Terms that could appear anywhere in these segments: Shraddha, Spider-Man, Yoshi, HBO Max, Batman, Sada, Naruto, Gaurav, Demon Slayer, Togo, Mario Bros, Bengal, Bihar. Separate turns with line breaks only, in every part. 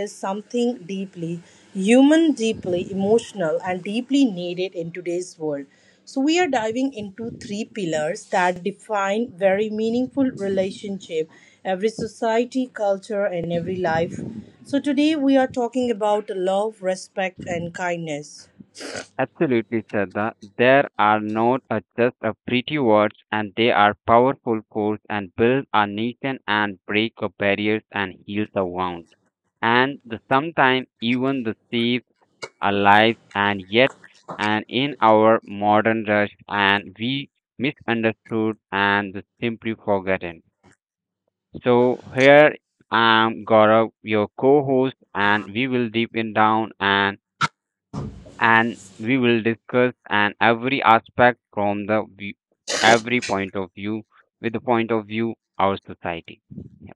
is something deeply human, deeply emotional, and deeply needed in today's world. So, we are diving into three pillars that define very meaningful relationship, every society, culture, and every life. So, today we are talking about love, respect, and kindness.
Absolutely, Sada. There are not just a pretty words, and they are powerful force and build a nation and break the barriers and heal the wound. And sometimes even the save our lives, and yet, and in our modern rush, and we misunderstood and simply forgotten. So here I am, Gaurav, your co-host, and we will deep in down and we will discuss and every aspect from the view, every point of view with the point of view our society. Yeah,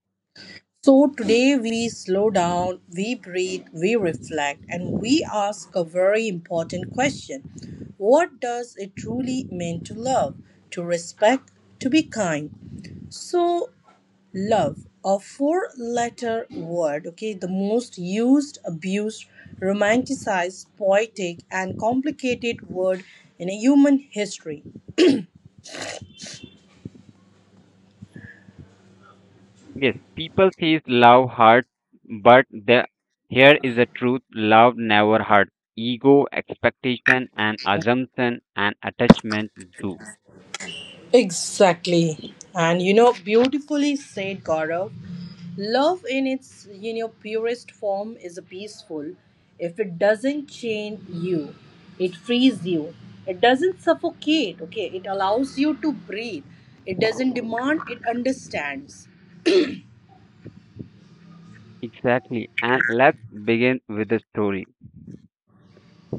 So today we slow down, we breathe, we reflect, and we ask a very important question. What does it truly mean to love, to respect, to be kind? So, love, a four letter word, okay, the most used, abused, romanticized, poetic, and complicated word in human history.
yes, people says love hurt but the here is the truth, love never hurt, ego expectation and assumption and attachment do
Exactly. And beautifully said, Gaurav. Love in its purest form is peaceful. If it doesn't chain you, it frees you. It doesn't suffocate, okay? It allows you to breathe. It doesn't demand, it understands.
exactly and let's begin with the story.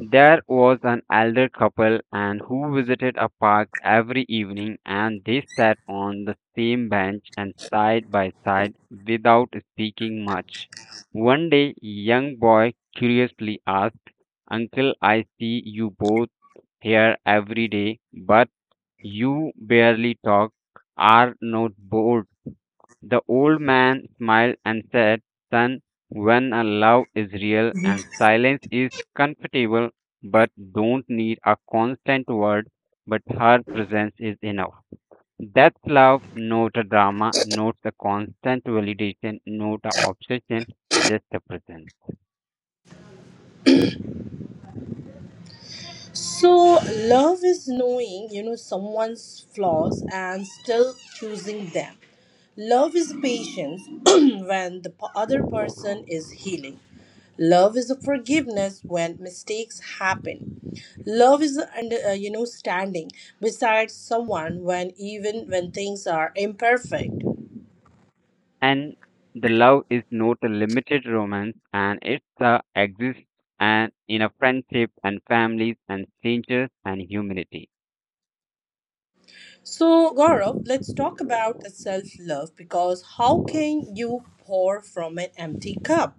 There was an elder couple and who visited a park every evening and they sat on the same bench and side by side without speaking much. One day young boy curiously asked, "Uncle, I see you both here every day, but you barely talk. Are not bored?" The old man smiled and said, "Son, when a love is real and silence is comfortable, but don't need a constant word, but her presence is enough. That's love, not a drama, not a constant validation, not a obsession, just a presence."
So, love is knowing, someone's flaws and still choosing them. Love is patience when the other person is healing. Love is forgiveness when mistakes happen. Love is standing beside someone when even when things are imperfect.
And the love is not a limited romance and it's a exists and in a friendship and families and strangers and humanity.
So, Gaurav, let's talk about self love because how can you pour from an empty cup?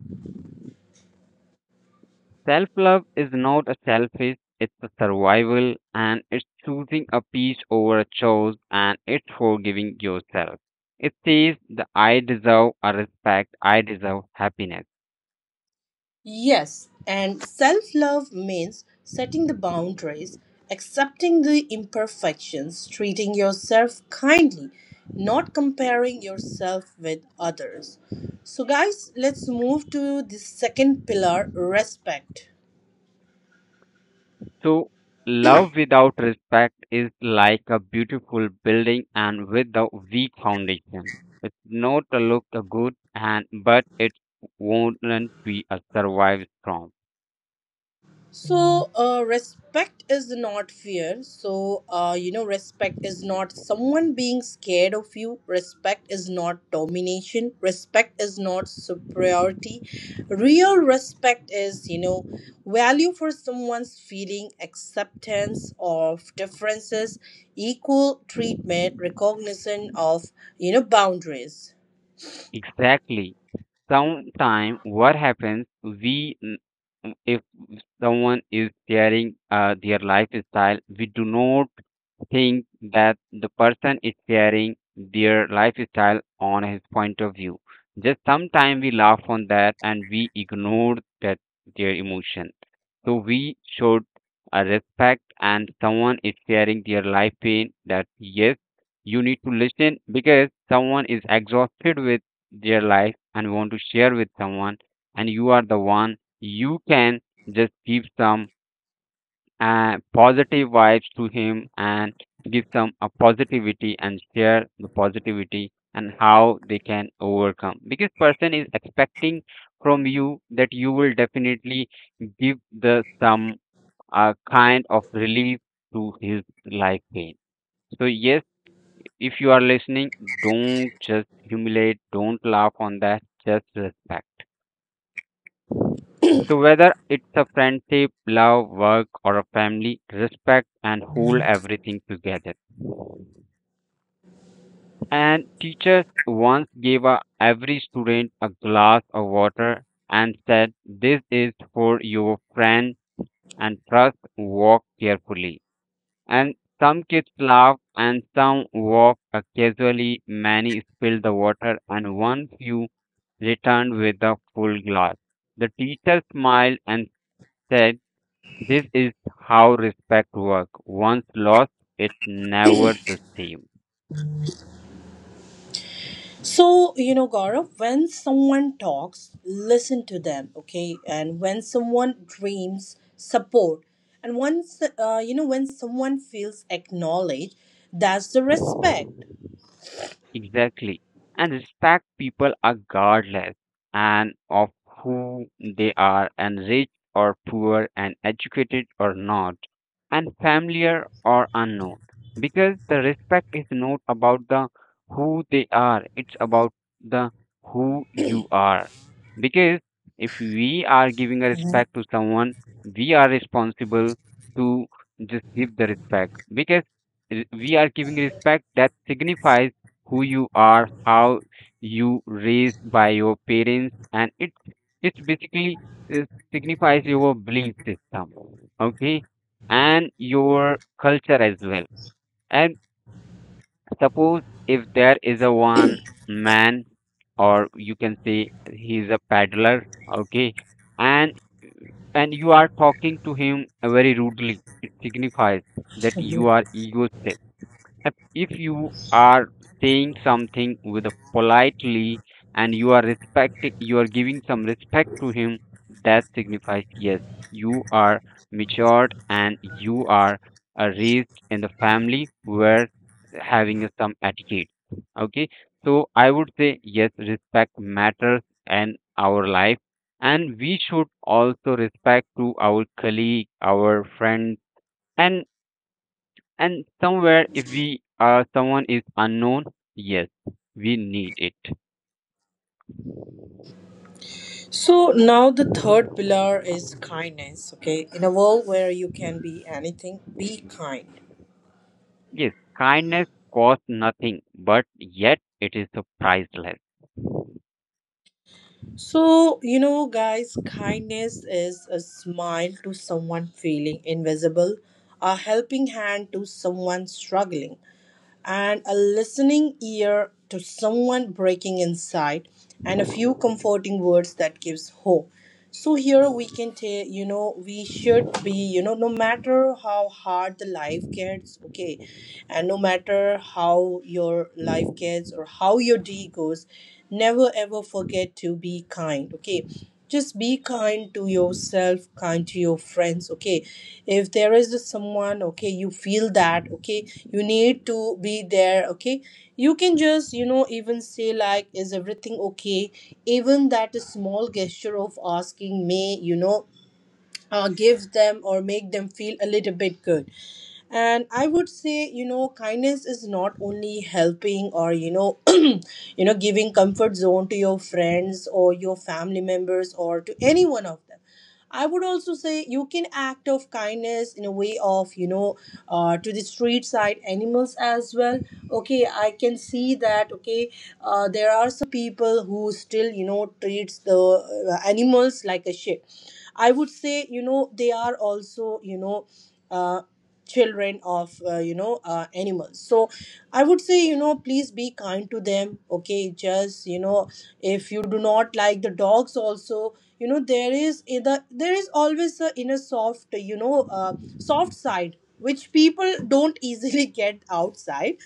Self love is not a selfish, it's a survival and it's choosing a peace over a chore and it's forgiving yourself. It says that I deserve a respect, I deserve happiness.
Yes, and self love means setting the boundaries, accepting the imperfections, treating yourself kindly, not comparing yourself with others. So, guys, let's move to the second pillar respect.
So love without respect is like a beautiful building and with a weak foundation. It's not a look a good and but it won't be a survive strong.
So, respect is not fear. So, respect is not someone being scared of you. Respect is not domination. Respect is not superiority. Real respect is, value for someone's feeling, acceptance of differences, equal treatment, recognition of, boundaries.
Exactly. Sometime what happens, if someone is sharing their lifestyle, we do not think that the person is sharing their lifestyle on his point of view, just sometime we laugh on that and we ignore that their emotion, so we should respect and someone is sharing their life pain, that yes, you need to listen because someone is exhausted with their life and want to share with someone and you are the one you can just give some positive vibes to him and give some a positivity and share the positivity and how they can overcome because person is expecting from you that you will definitely give the some a kind of relief to his life pain. So yes, if you are listening, don't just humiliate, don't laugh on that, just respect. So whether it's a friendship, love, work or a family, respect and hold everything together. And teachers once gave a, every student a glass of water and said, "This is for your friend and trust, walk carefully." And some kids laugh and some walk casually, many spill the water, and one few returned with a full glass. The teacher smiled and said, "This is how respect works. Once lost, it's never the same."
So, Gaurav, when someone talks, listen to them, okay? And when someone dreams, support. And once, when someone feels acknowledged, that's the respect.
Exactly. And respect people are guardless and of who they are and rich or poor and educated or not and familiar or unknown. Because the respect is not about the who they are, it's about the who you are. Because if we are giving a respect to someone, we are responsible to just give the respect. Because we are giving respect that signifies who you are, how you raised by your parents, and it basically uh, signifies your belief system, okay, and your culture as well. And suppose if there is a one man, or you can say he's a peddler, okay, and and you are talking to him very rudely, it signifies that you are egoistic. If you are saying something with a politely and you are respecting, you are giving some respect to him, that signifies yes, you are matured and you are raised in the family where having some etiquette. Okay, so I would say yes, respect matters in our life, and we should also respect to our colleague, our friend, and and somewhere, if we someone is unknown, yes, we need it.
So now the third pillar is kindness, okay? In a world where you can be anything, be kind.
Yes, kindness costs nothing, but yet it is so priceless.
So, guys, kindness is a smile to someone feeling invisible, a helping hand to someone struggling, and a listening ear to someone breaking inside and a few comforting words that gives hope. So here we can take, we should be, no matter how hard the life gets, okay, and no matter how your life gets or how your day goes, never ever forget to be kind, okay? Just be kind to yourself, kind to your friends, okay? If there is someone, okay, you feel that, okay, you need to be there, okay, you can just, even say like is everything okay. Even that small gesture of asking may, give them or make them feel a little bit good. And I would say, kindness is not only helping or, giving comfort zone to your friends or your family members or to any one of them. I would also say you can act of kindness in a way of, to the street side animals as well, okay? I can see that, okay, there are some people who still, treats the animals like a shit. I would say, they are also, you know, uh, children of, animals. So I would say, please be kind to them, okay? Just, if you do not like the dogs also, there is either there is always a inner soft, soft side which people don't easily get outside,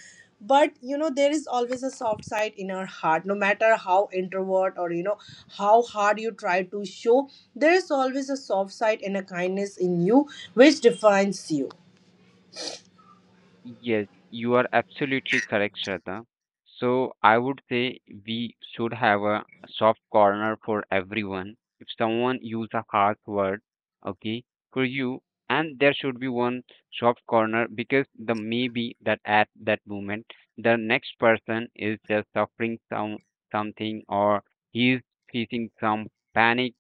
but there is always a soft side in our heart, no matter how introvert or, how hard you try to show, there is always a soft side and a kindness in you which defines you.
Yes, you are absolutely correct, Shraddha. So I would say we should have a soft corner for everyone. If someone use a harsh word, okay, for you, and there should be one soft corner because the maybe that at that moment the next person is just suffering some something or he is facing some panic,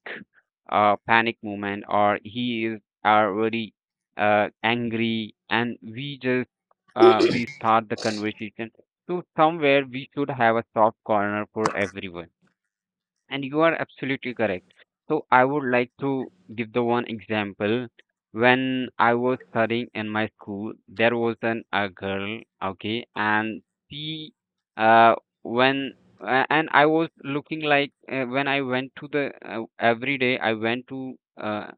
panic moment or he is already angry and we just we start the conversation. So somewhere we should have a soft corner for everyone. And you are absolutely correct. So I would like to give the one example. When I was studying in my school, there was an a girl, okay, and she, uh, when and I was looking like when I went to the every day I went to uh,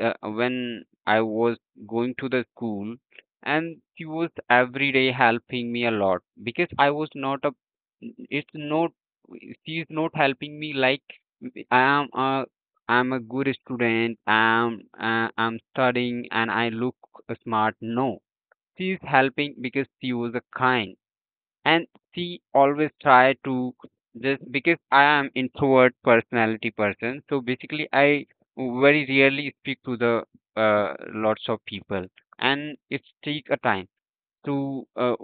when I was going to the school, and she was every day helping me a lot because I was not a it's no she is not helping me like I am a I'm a good student, I'm I'm studying and I look smart, no, she is helping because she was a kind and she always try to just because I am introvert personality person, so basically I very rarely speak to the uh, lots of people and it take a time to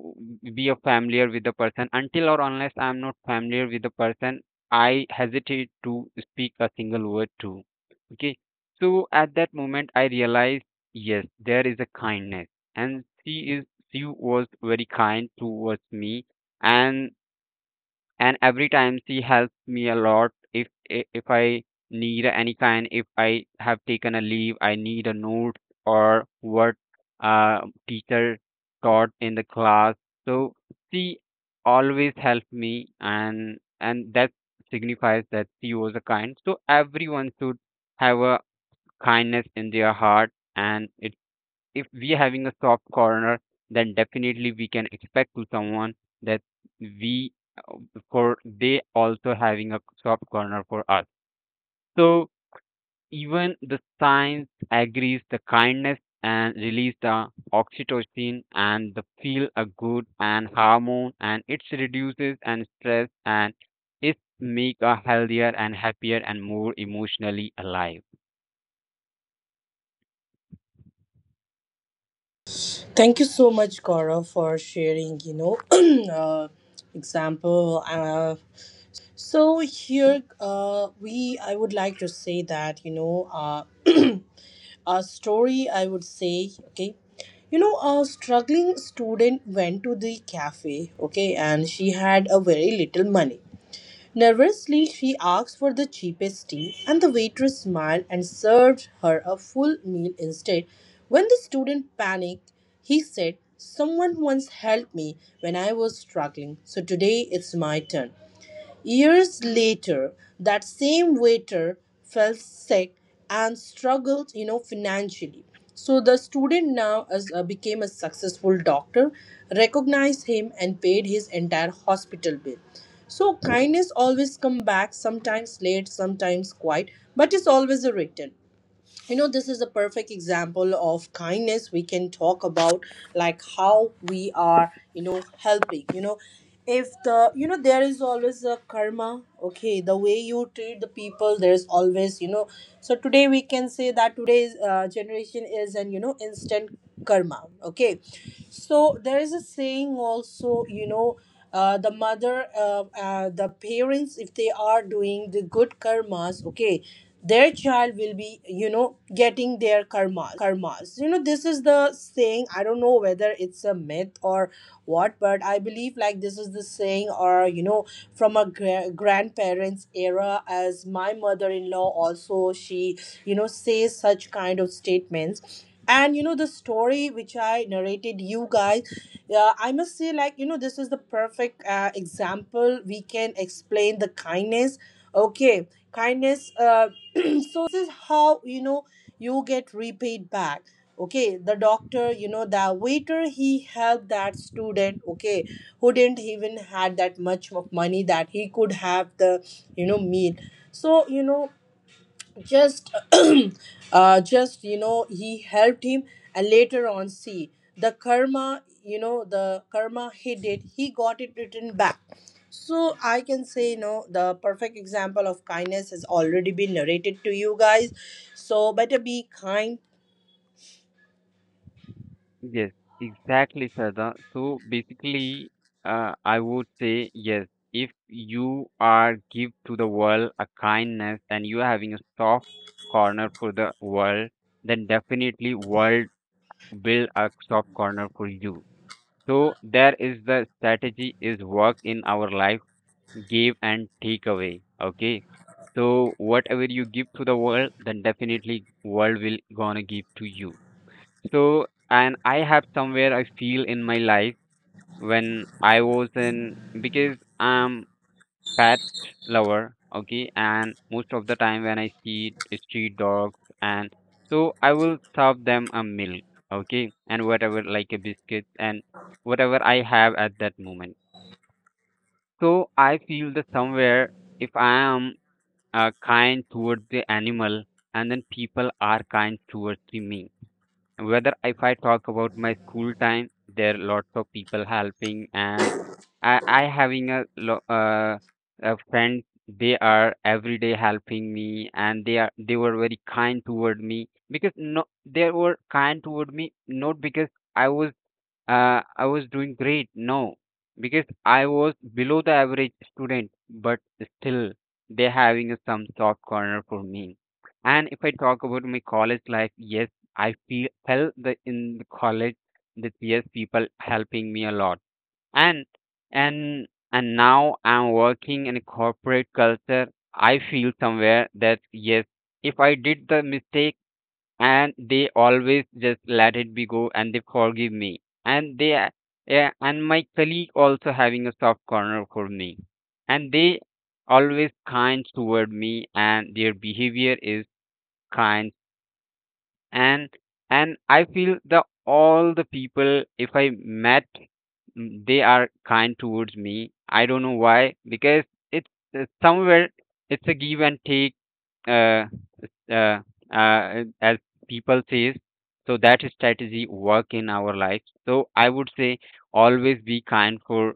be a familiar with the person until or unless I'm not familiar with the person I hesitate to speak a single word to, okay. So at that moment I realized yes there is a kindness and she was very kind towards me and and every time she helps me a lot. If I need any kind, if I have taken a leave I need a note or what uh teacher taught in the class, so she always helped me and that signifies that she was a kind. So everyone should have a kindness in their heart and it if we having a soft corner, then definitely we can expect to someone that we uh, for they also having a soft corner for us. So even the science agrees the kindness and release the oxytocin and the feel a good and hormone and it reduces and stress and it make a healthier and happier and more emotionally alive.
Thank you so much, Gaurav, for sharing, uh, example. So here, I would like to say that, a story, I would say, okay, you know, a struggling student went to the cafe, okay, and she had a very little money. Nervously, she asked for the cheapest tea, and the waitress smiled and served her a full meal instead. When the student panicked, he said, someone once helped me when I was struggling, so today it's my turn. Years later, that same waiter fell sick and struggled, financially. So the student now as, became a successful doctor, recognized him and paid his entire hospital bill. So kindness always come back, sometimes late, sometimes quiet, but it's always a return. This is a perfect example of kindness. We can talk about like how we are, helping, if the, there is always a karma, okay? The way you treat the people, there's always, so today we can say that today's generation is an, instant karma, okay? So there is a saying also, the mother, the parents, if they are doing the good karmas, okay, their child will be, getting their karmas. You know, this is the saying. I don't know whether it's a myth or what, but I believe like this is the saying, or from a grandparents era. As my mother-in-law also, she, says such kind of statements and the story which I narrated you guys. Yeah, I must say like, this is the perfect example we can explain the kindness, okay? Kindness, so this is how, you get repaid back, okay? The doctor, the waiter, he helped that student, okay, who didn't even had that much of money that he could have the, meal. So, just just, he helped him and later on see the karma, the karma he did, he got it written back. So I can say, the perfect example of kindness has already been narrated to you guys. So better be kind.
Yes, exactly, Sada. So basically, I would say yes, if you are give to the world a kindness and you are having a soft corner for the world, then definitely world will a soft corner for you. So there is the strategy is work in our life, give and take away. Okay. So whatever you give to the world, then definitely world will gonna give to you. So, and I have somewhere I feel in my life when I was in because I'm pet lover, okay, and most of the time when I see street dogs and so I will serve them a milk, okay, and whatever like a biscuit and whatever I have at that moment. So I feel that somewhere if I am kind towards the animal and then people are kind towards the me, whether if I talk about my school time, there are lots of people helping, and I having a a friend. They are every day helping me, and they were very kind toward me because no, they were kind toward me not because I was I was doing great. No, because I was below the average student, but still they're having a some soft corner for me. And if I talk about my college life, yes, I feel felt the in the college that yes, people helping me a lot. And and and now I'm working in a corporate culture. I feel somewhere that yes, if I did the mistake and they always just let it be go and they forgive me and they yeah and my colleague also having a soft corner for me and they always kind toward me and their behavior is kind and and I feel the all the people if I met they are kind towards me, I don't know why because it's somewhere it's a give and take uh uh, as people says, so that strategy work in our life. So I would say always be kind for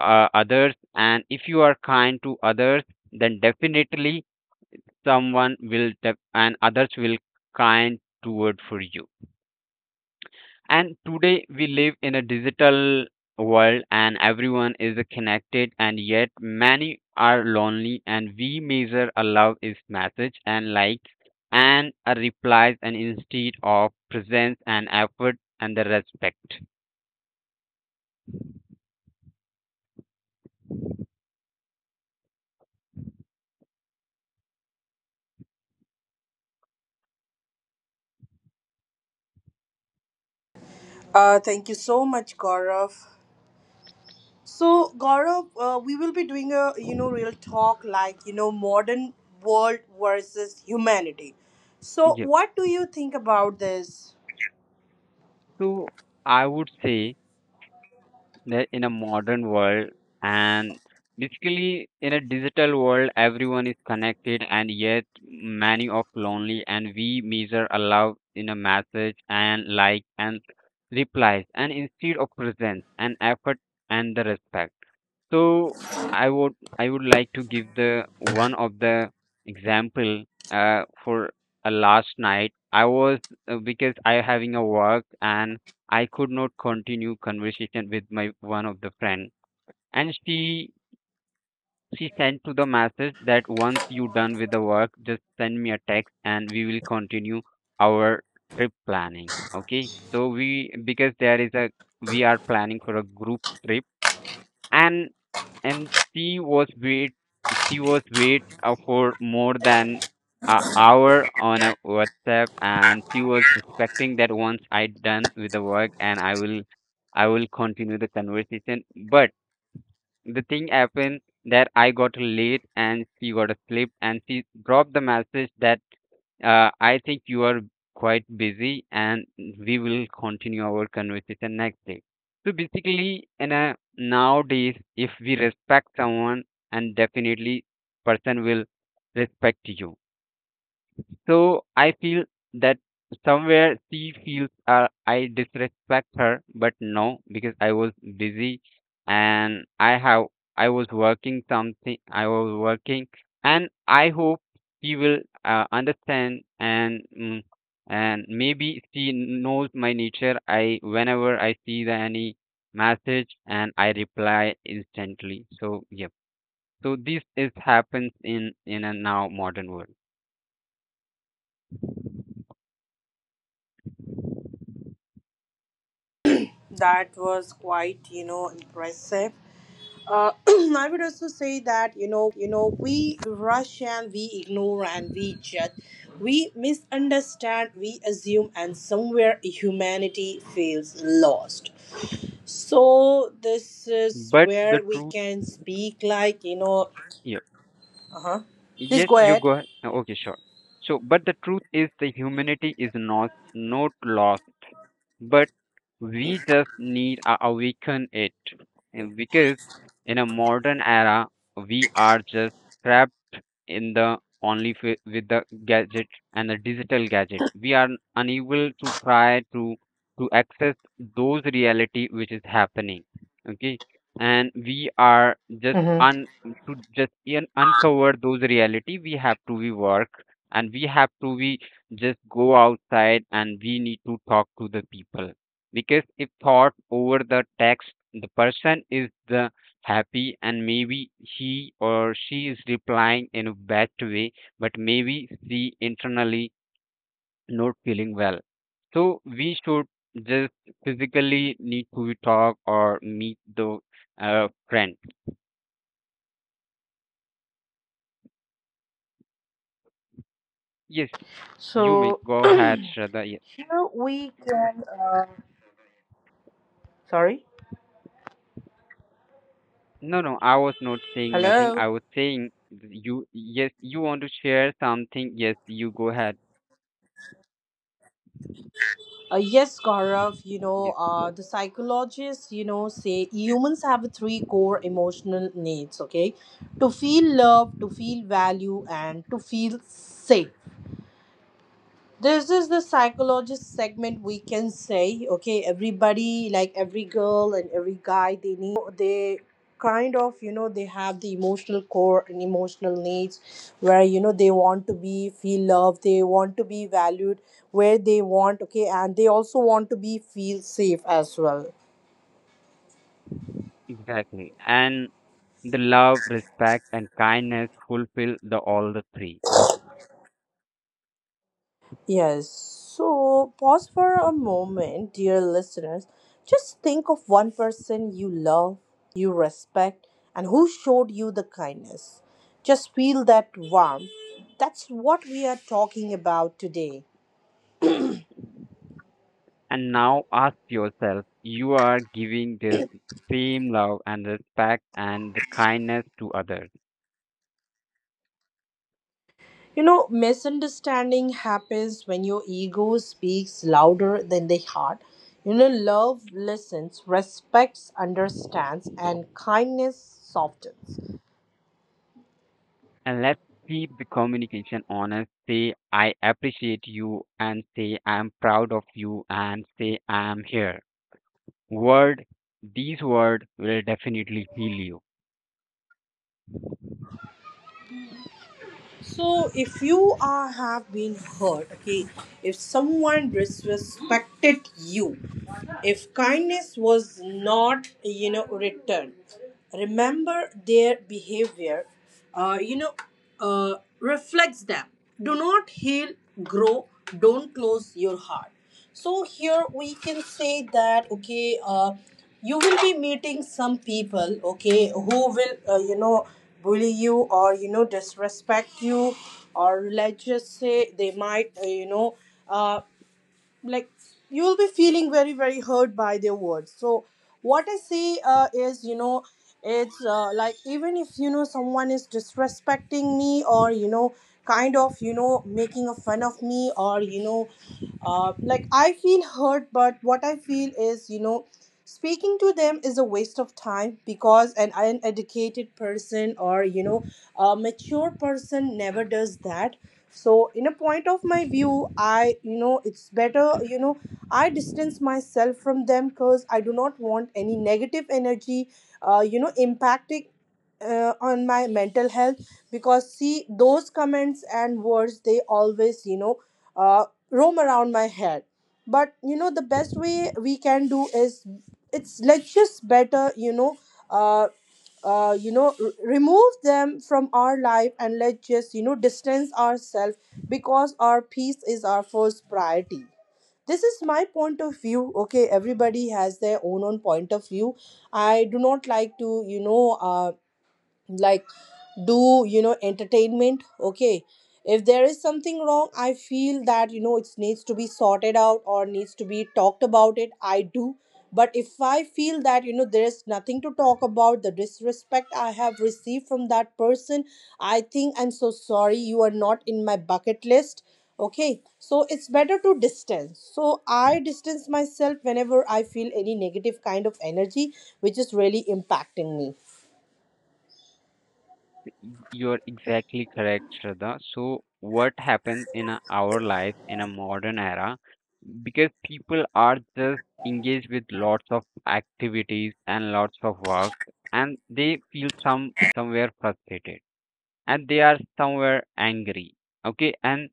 others and if you are kind to others then definitely someone will def- and others will kind toward for you. And today we live in a digital world and everyone is connected and yet many are lonely and we measure a love is message and likes and a replies and instead of presence and effort and the respect.
Thank you so much, Gaurav. So Gaurav, we will be doing a, real talk like, modern world versus humanity. So
Yeah.
what do you think about this?
So I would say that in a modern world and basically in a digital world, everyone is connected and yet many are lonely, and we measure a love in a message and like and replies and instead of presence and effort and the respect. So I would like to give the one of the example for a last night. I was because I having a work and I could not continue conversation with my one of the friend, and she sent to the message that once you done with the work, just send me a text and we will continue our trip planning. Okay, so we because there is a we are planning for a group trip, and and she was wait for more than an hour on a WhatsApp, and she was expecting that once I done with the work and I will continue the conversation. But the thing happened that I got late and she got asleep, and she dropped the message that I think you are quite busy, and we will continue our conversation next day. So basically, nowadays, if we respect someone, and definitely person will respect you. So I feel that somewhere she feels I disrespect her, but no, because I was busy and I was working something. I was working, and I hope she will understand, and and maybe she knows my nature. I Whenever I see the any message, and I reply instantly. So yep. So this is happens in a now modern world,
That was quite, impressive. I would also say that, we rush and we ignore and we judge. We misunderstand, we assume, and somewhere humanity feels lost. So, this is
but the
where we
true.
can speak like,
Yeah.
uh huh. Please
Yes,
go
you
ahead.
go ahead. Oh, okay, sure. So, but the truth is the humanity is not lost, but we just need to awaken it. And because in a modern era, we are just trapped in the only with the gadget and the digital gadget. We are unable to try to access those reality which is happening, okay, and we are just un to just uncover those reality. We have to be work, and we have to be just go outside, and we need to talk to the people, because if thought over the text, the person is the happy, and maybe he or she is replying in a bad way, but maybe she internally not feeling well. So we should just physically need to talk or meet the friend. Yes, you may
So,
go ahead, Shraddha. Yes,
here we can. Sorry.
no, no, I was not saying nothing.
Hello.
I was saying you, yes, you want to share something. Yes, you go ahead.
Yes, Gaurav,
Yes,
the psychologists, say humans have three core emotional needs, okay? To feel love, to feel value, and to feel safe. This is the psychologist segment we can say, okay? Everybody like every girl and every guy, they need, they kind of, they have the emotional core and emotional needs where, they want to be feel loved, they want to be valued, where they want, okay, and they also want to be feel safe as well.
exactly. And the love, respect, and kindness fulfill the all the three.
Yes. So pause for a moment, dear listeners. Just think of one person you love, you respect, and who showed you the kindness. Just feel that warmth. That's what we are talking about today.
And now ask yourself, you are giving this same love and respect and the kindness to others.
You know, misunderstanding happens when your ego speaks louder than the heart. You know, love listens, respects understands, and kindness softens.
And let's keep the communication honest. Say, I appreciate you, and say, I'm proud of you, and say, I'm here. Word, these words will definitely heal you.
So if you are have been hurt, okay, if someone disrespected you, if kindness was not, returned, remember their behavior, uh, you know, reflects them. Do not heal, grow, don't close your heart. So here we can say that okay, you will be meeting some people, okay, who will, bully you or, disrespect you, or let's just say they might, Uh, like you will be feeling very very hurt by their words. So what I see, is, you know, it's like even if, someone is disrespecting me or, kind of, making a fun of me or, like I feel hurt, but what I feel is, speaking to them is a waste of time because an uneducated person or, a mature person never does that. So in a point of my view, I it's better, I distance myself from them because I do not want any negative energy, impacting, on my mental health. Because see those comments and words, they always, uh, roam around my head. But, the best way we can do is it's let's just better, uh, remove them from our life and let's just, distance ourselves because our peace is our first priority. This is my point of view, okay? Everybody has their own own point of view. I do not like to, like do, entertainment, okay? If there is something wrong, I feel that, it needs to be sorted out or needs to be talked about it, I do. But if I feel that, there is nothing to talk about the disrespect I have received from that person, I think I'm so sorry, you are not in my bucket list, okay? So it's better to distance. So I distance myself whenever I feel any negative kind of energy which is really impacting me.
You're exactly correct, Shraddha. So, what happens our life in a modern era? Because people are just engaged with lots of activities and lots of work, and they feel somewhere frustrated, and they are somewhere angry, okay, and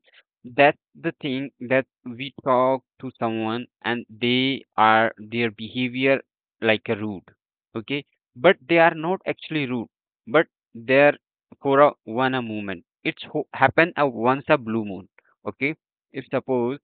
that's the thing, that we talk to someone and they are their behavior like a rude, okay, but they are not actually rude, but they're for a one a moment, it's happen a once a blue moon, okay. If suppose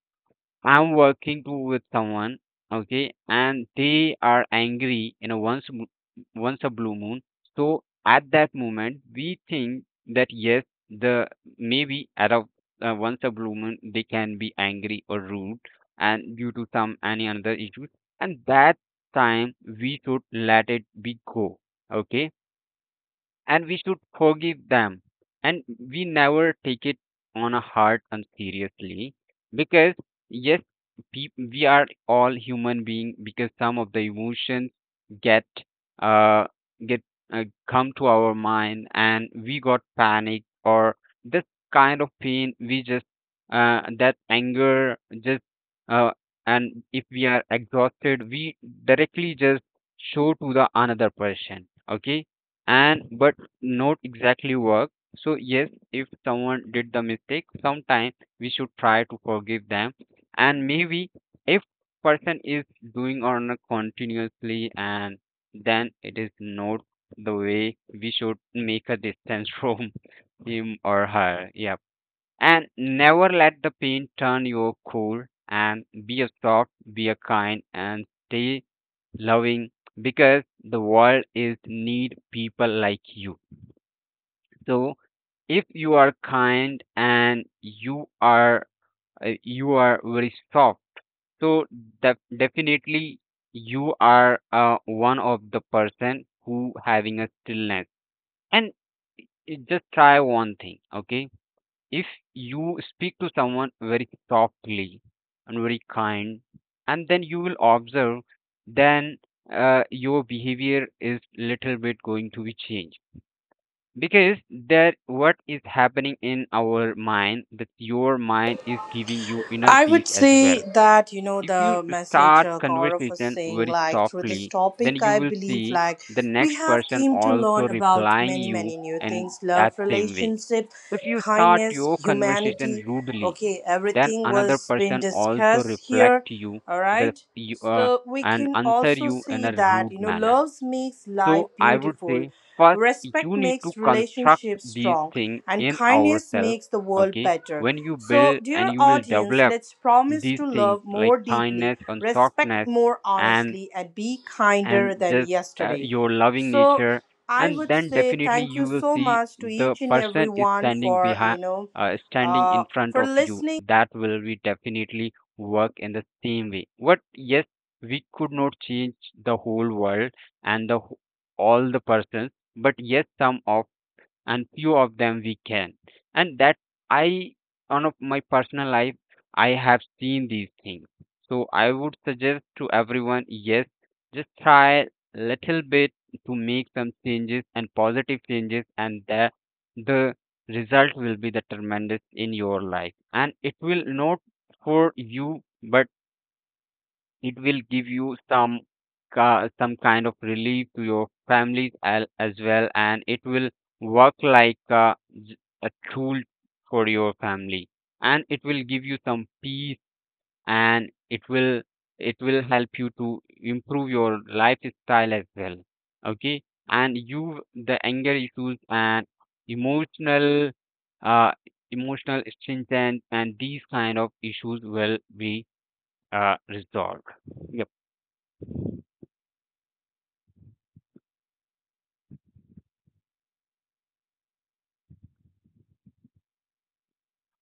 I'm working with someone, okay, and they are angry, you know, once a blue moon. So at that moment, we think that yes, the maybe out of once a blue moon, they can be angry or rude, and due to some any other issues, and that time we should let it be go, okay, and we should forgive them, and we never take it on a hard and seriously. Because yes, peop we are all human being, because some of the emotions get uh get come to our mind, and we got panic or this kind of pain, we just that anger just uh, and if we are exhausted, we directly just show to the another person, okay, and but not exactly work. So yes, if someone did the mistake sometime, we should try to forgive them, and maybe if person is doing on a continuously, and then it is not the way. We should make a distance from him or her, yeah, and never let the pain turn your cool, and be a soft, be a kind, and stay loving, because the world is need people like you. So if you are kind, and you are very soft, so definitely you are one of the person who having a stillness. And just try one thing, okay. If you speak to someone very softly and very kind, and then you will observe, then your behavior is little bit going to be changed, because that what is happening in our mind, that your mind is giving you inner
I
peace
would
as well.
say that,
If you
the message,
start
Gaurav was
conversation
saying,
very
like through this
softly, then
topic
you
I
will
believe
see
like
the
we
next
have
person
came to
also
learn about
replying
many
you
many new
in
things:
that
love,
same way.
relationship,
If you start
kindness,
your conversation
humanity,
rudely,
okay?
then
Everything
another
was being
person also
discussed
reflect
here,
you
all
the
right?
you,
So we
and
can
answer
also
you in
see
a
that,
rude manner.
love makes life
So I would
beautiful,
say first
respect
you need to
makes
construct
relationships
these
strong,
things
and
in
kindness
ourselves.
makes the world
Okay,
better.
when you
So,
build, and
dear
you will
audience,
develop
let's promise
these
to
things
love
like
more deeply,
kindness and
respect
softness
more
and
honestly, and be
and
kinder than
just
yesterday.
your loving
So,
nature,
I
and
would
then
say
definitely
thank you
you will
so
see
much to
the
each and
person is
everyone for,
standing
uh,
in front
for
of you,
listening.
that will be definitely work in the same way. What, yes, we could not change the whole world and the all the persons, but yes, some of and few of them we can. And that I, on of my personal life, I have seen these things. So I would suggest to everyone, yes, just try little bit to make some changes and positive changes, and the result will be the tremendous in your life, and it will not for you, but it will give you some some kind of relief to your families as well, and it will work like a tool for your family, and it will give you some peace, and it will, it will help you to improve your lifestyle as well, okay, and you the anger issues and emotional uh emotional stringent, and these kind of issues will be resolved. Yep.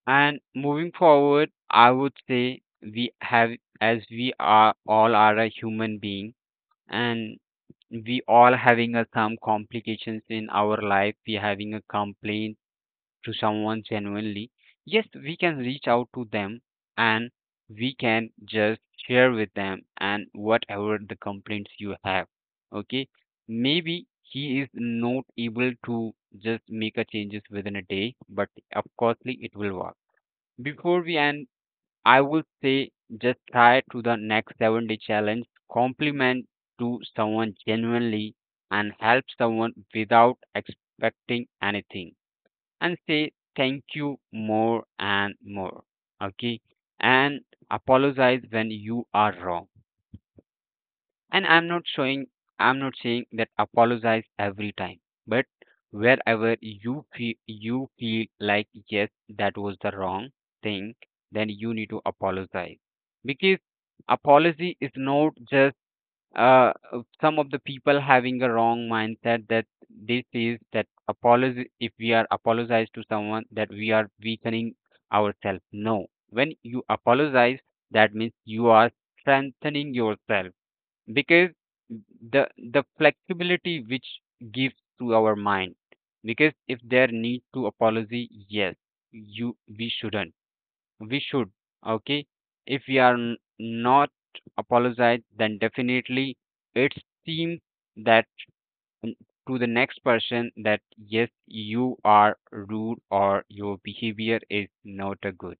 And moving forward, I would say as we are all are a human being, and we all having some complications in our life. We having a complaint to someone genuinely. Yes, we can reach out to them, and we can just share with them and whatever the complaints you have. Okay, maybe he is not able to just make a changes within a day, but of course it will work. Before we end, I would say just try to the next 7-day challenge. Compliment to someone genuinely, and help someone without expecting anything, and say thank you more and more. Okay, and apologize when you are wrong. And I'm not saying that apologize every time, but wherever you feel like, yes, that was the wrong thing, then you need to apologize. Because apology is not just uh, some of the people having a wrong mindset, that this is that apology, if we are apologize to someone, that we are weakening ourselves. No. When you apologize, that means you are strengthening yourself, because the the flexibility which gives to our mind. Because if there need to apology, yes, you we should, okay, if we are not apologize, then definitely it seems that n- to the next person that yes, you are rude or your behavior is not a good.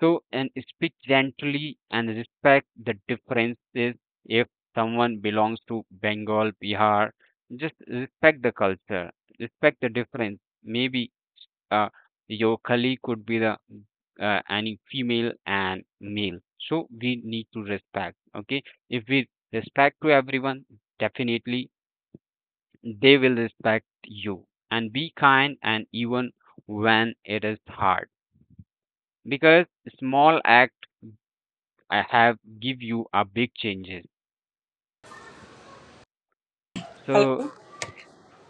So, and speak gently and respect the differences. If someone belongs to Bengal, Bihar, just respect the culture, respect the difference. Maybe uh, your colleague could be the any female and male. So we need to respect. Okay, if we respect to everyone, definitely they will respect you. And be kind, and even when it is hard, because small acts I have give you a big changes. So
Hello.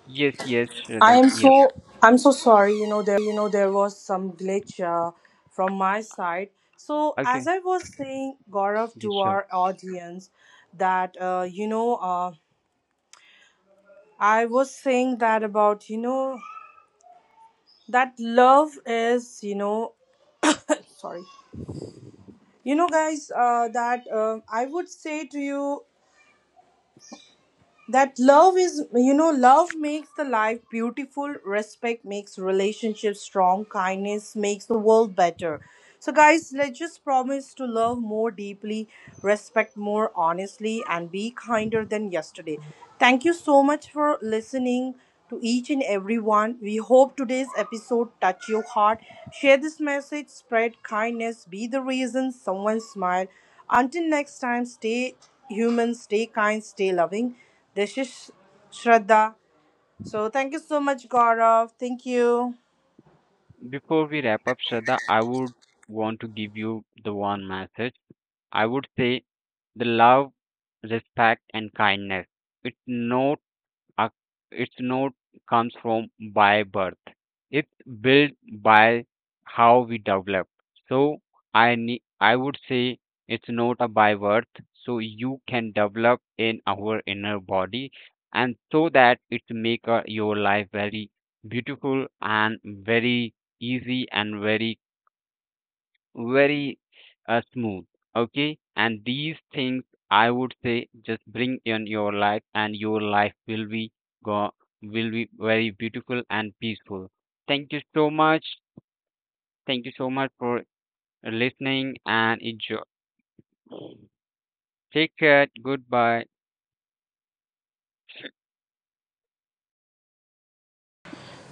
yes, yes,
I
Shraddha.
am,
Yep.
so I'm so sorry. You know, there was some glitch from my side. So as
Okay.
I was saying, Gaurav,
Yes,
to
sure.
our audience, that I was saying that, about that love is, you know sorry you know guys, that I would say to you that love is, you know, love makes the life beautiful, respect makes relationships strong, kindness makes the world better. So guys, let's just promise to love more deeply, respect more honestly, and be kinder than yesterday. Thank you so much for listening to each and everyone. We hope today's episode touch your heart. Share this message, spread kindness, be the reason someone smile. Until next time, stay human, stay kind, stay loving. This is Shraddha. So thank you so much, Gaurav. Thank you.
Before we wrap up, Shraddha, I would want to give you the one message. I would say the love, respect, and kindness. It's not uh, it's not comes from by birth. It's built by how we develop. So I would say it's not a by birth. So you can develop in our inner body, and so that it make your life very beautiful and very easy and very very smooth. Okay, and these things I would say just bring in your life, and your life go will be very beautiful and peaceful. Thank you so much. Thank you so much for listening and enjoy. Take care. Goodbye.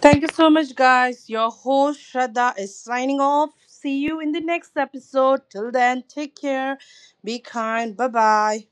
Thank you so much, guys. Your host Shraddha is signing off. See you in the next episode. Till then, take care. Be kind. Bye bye.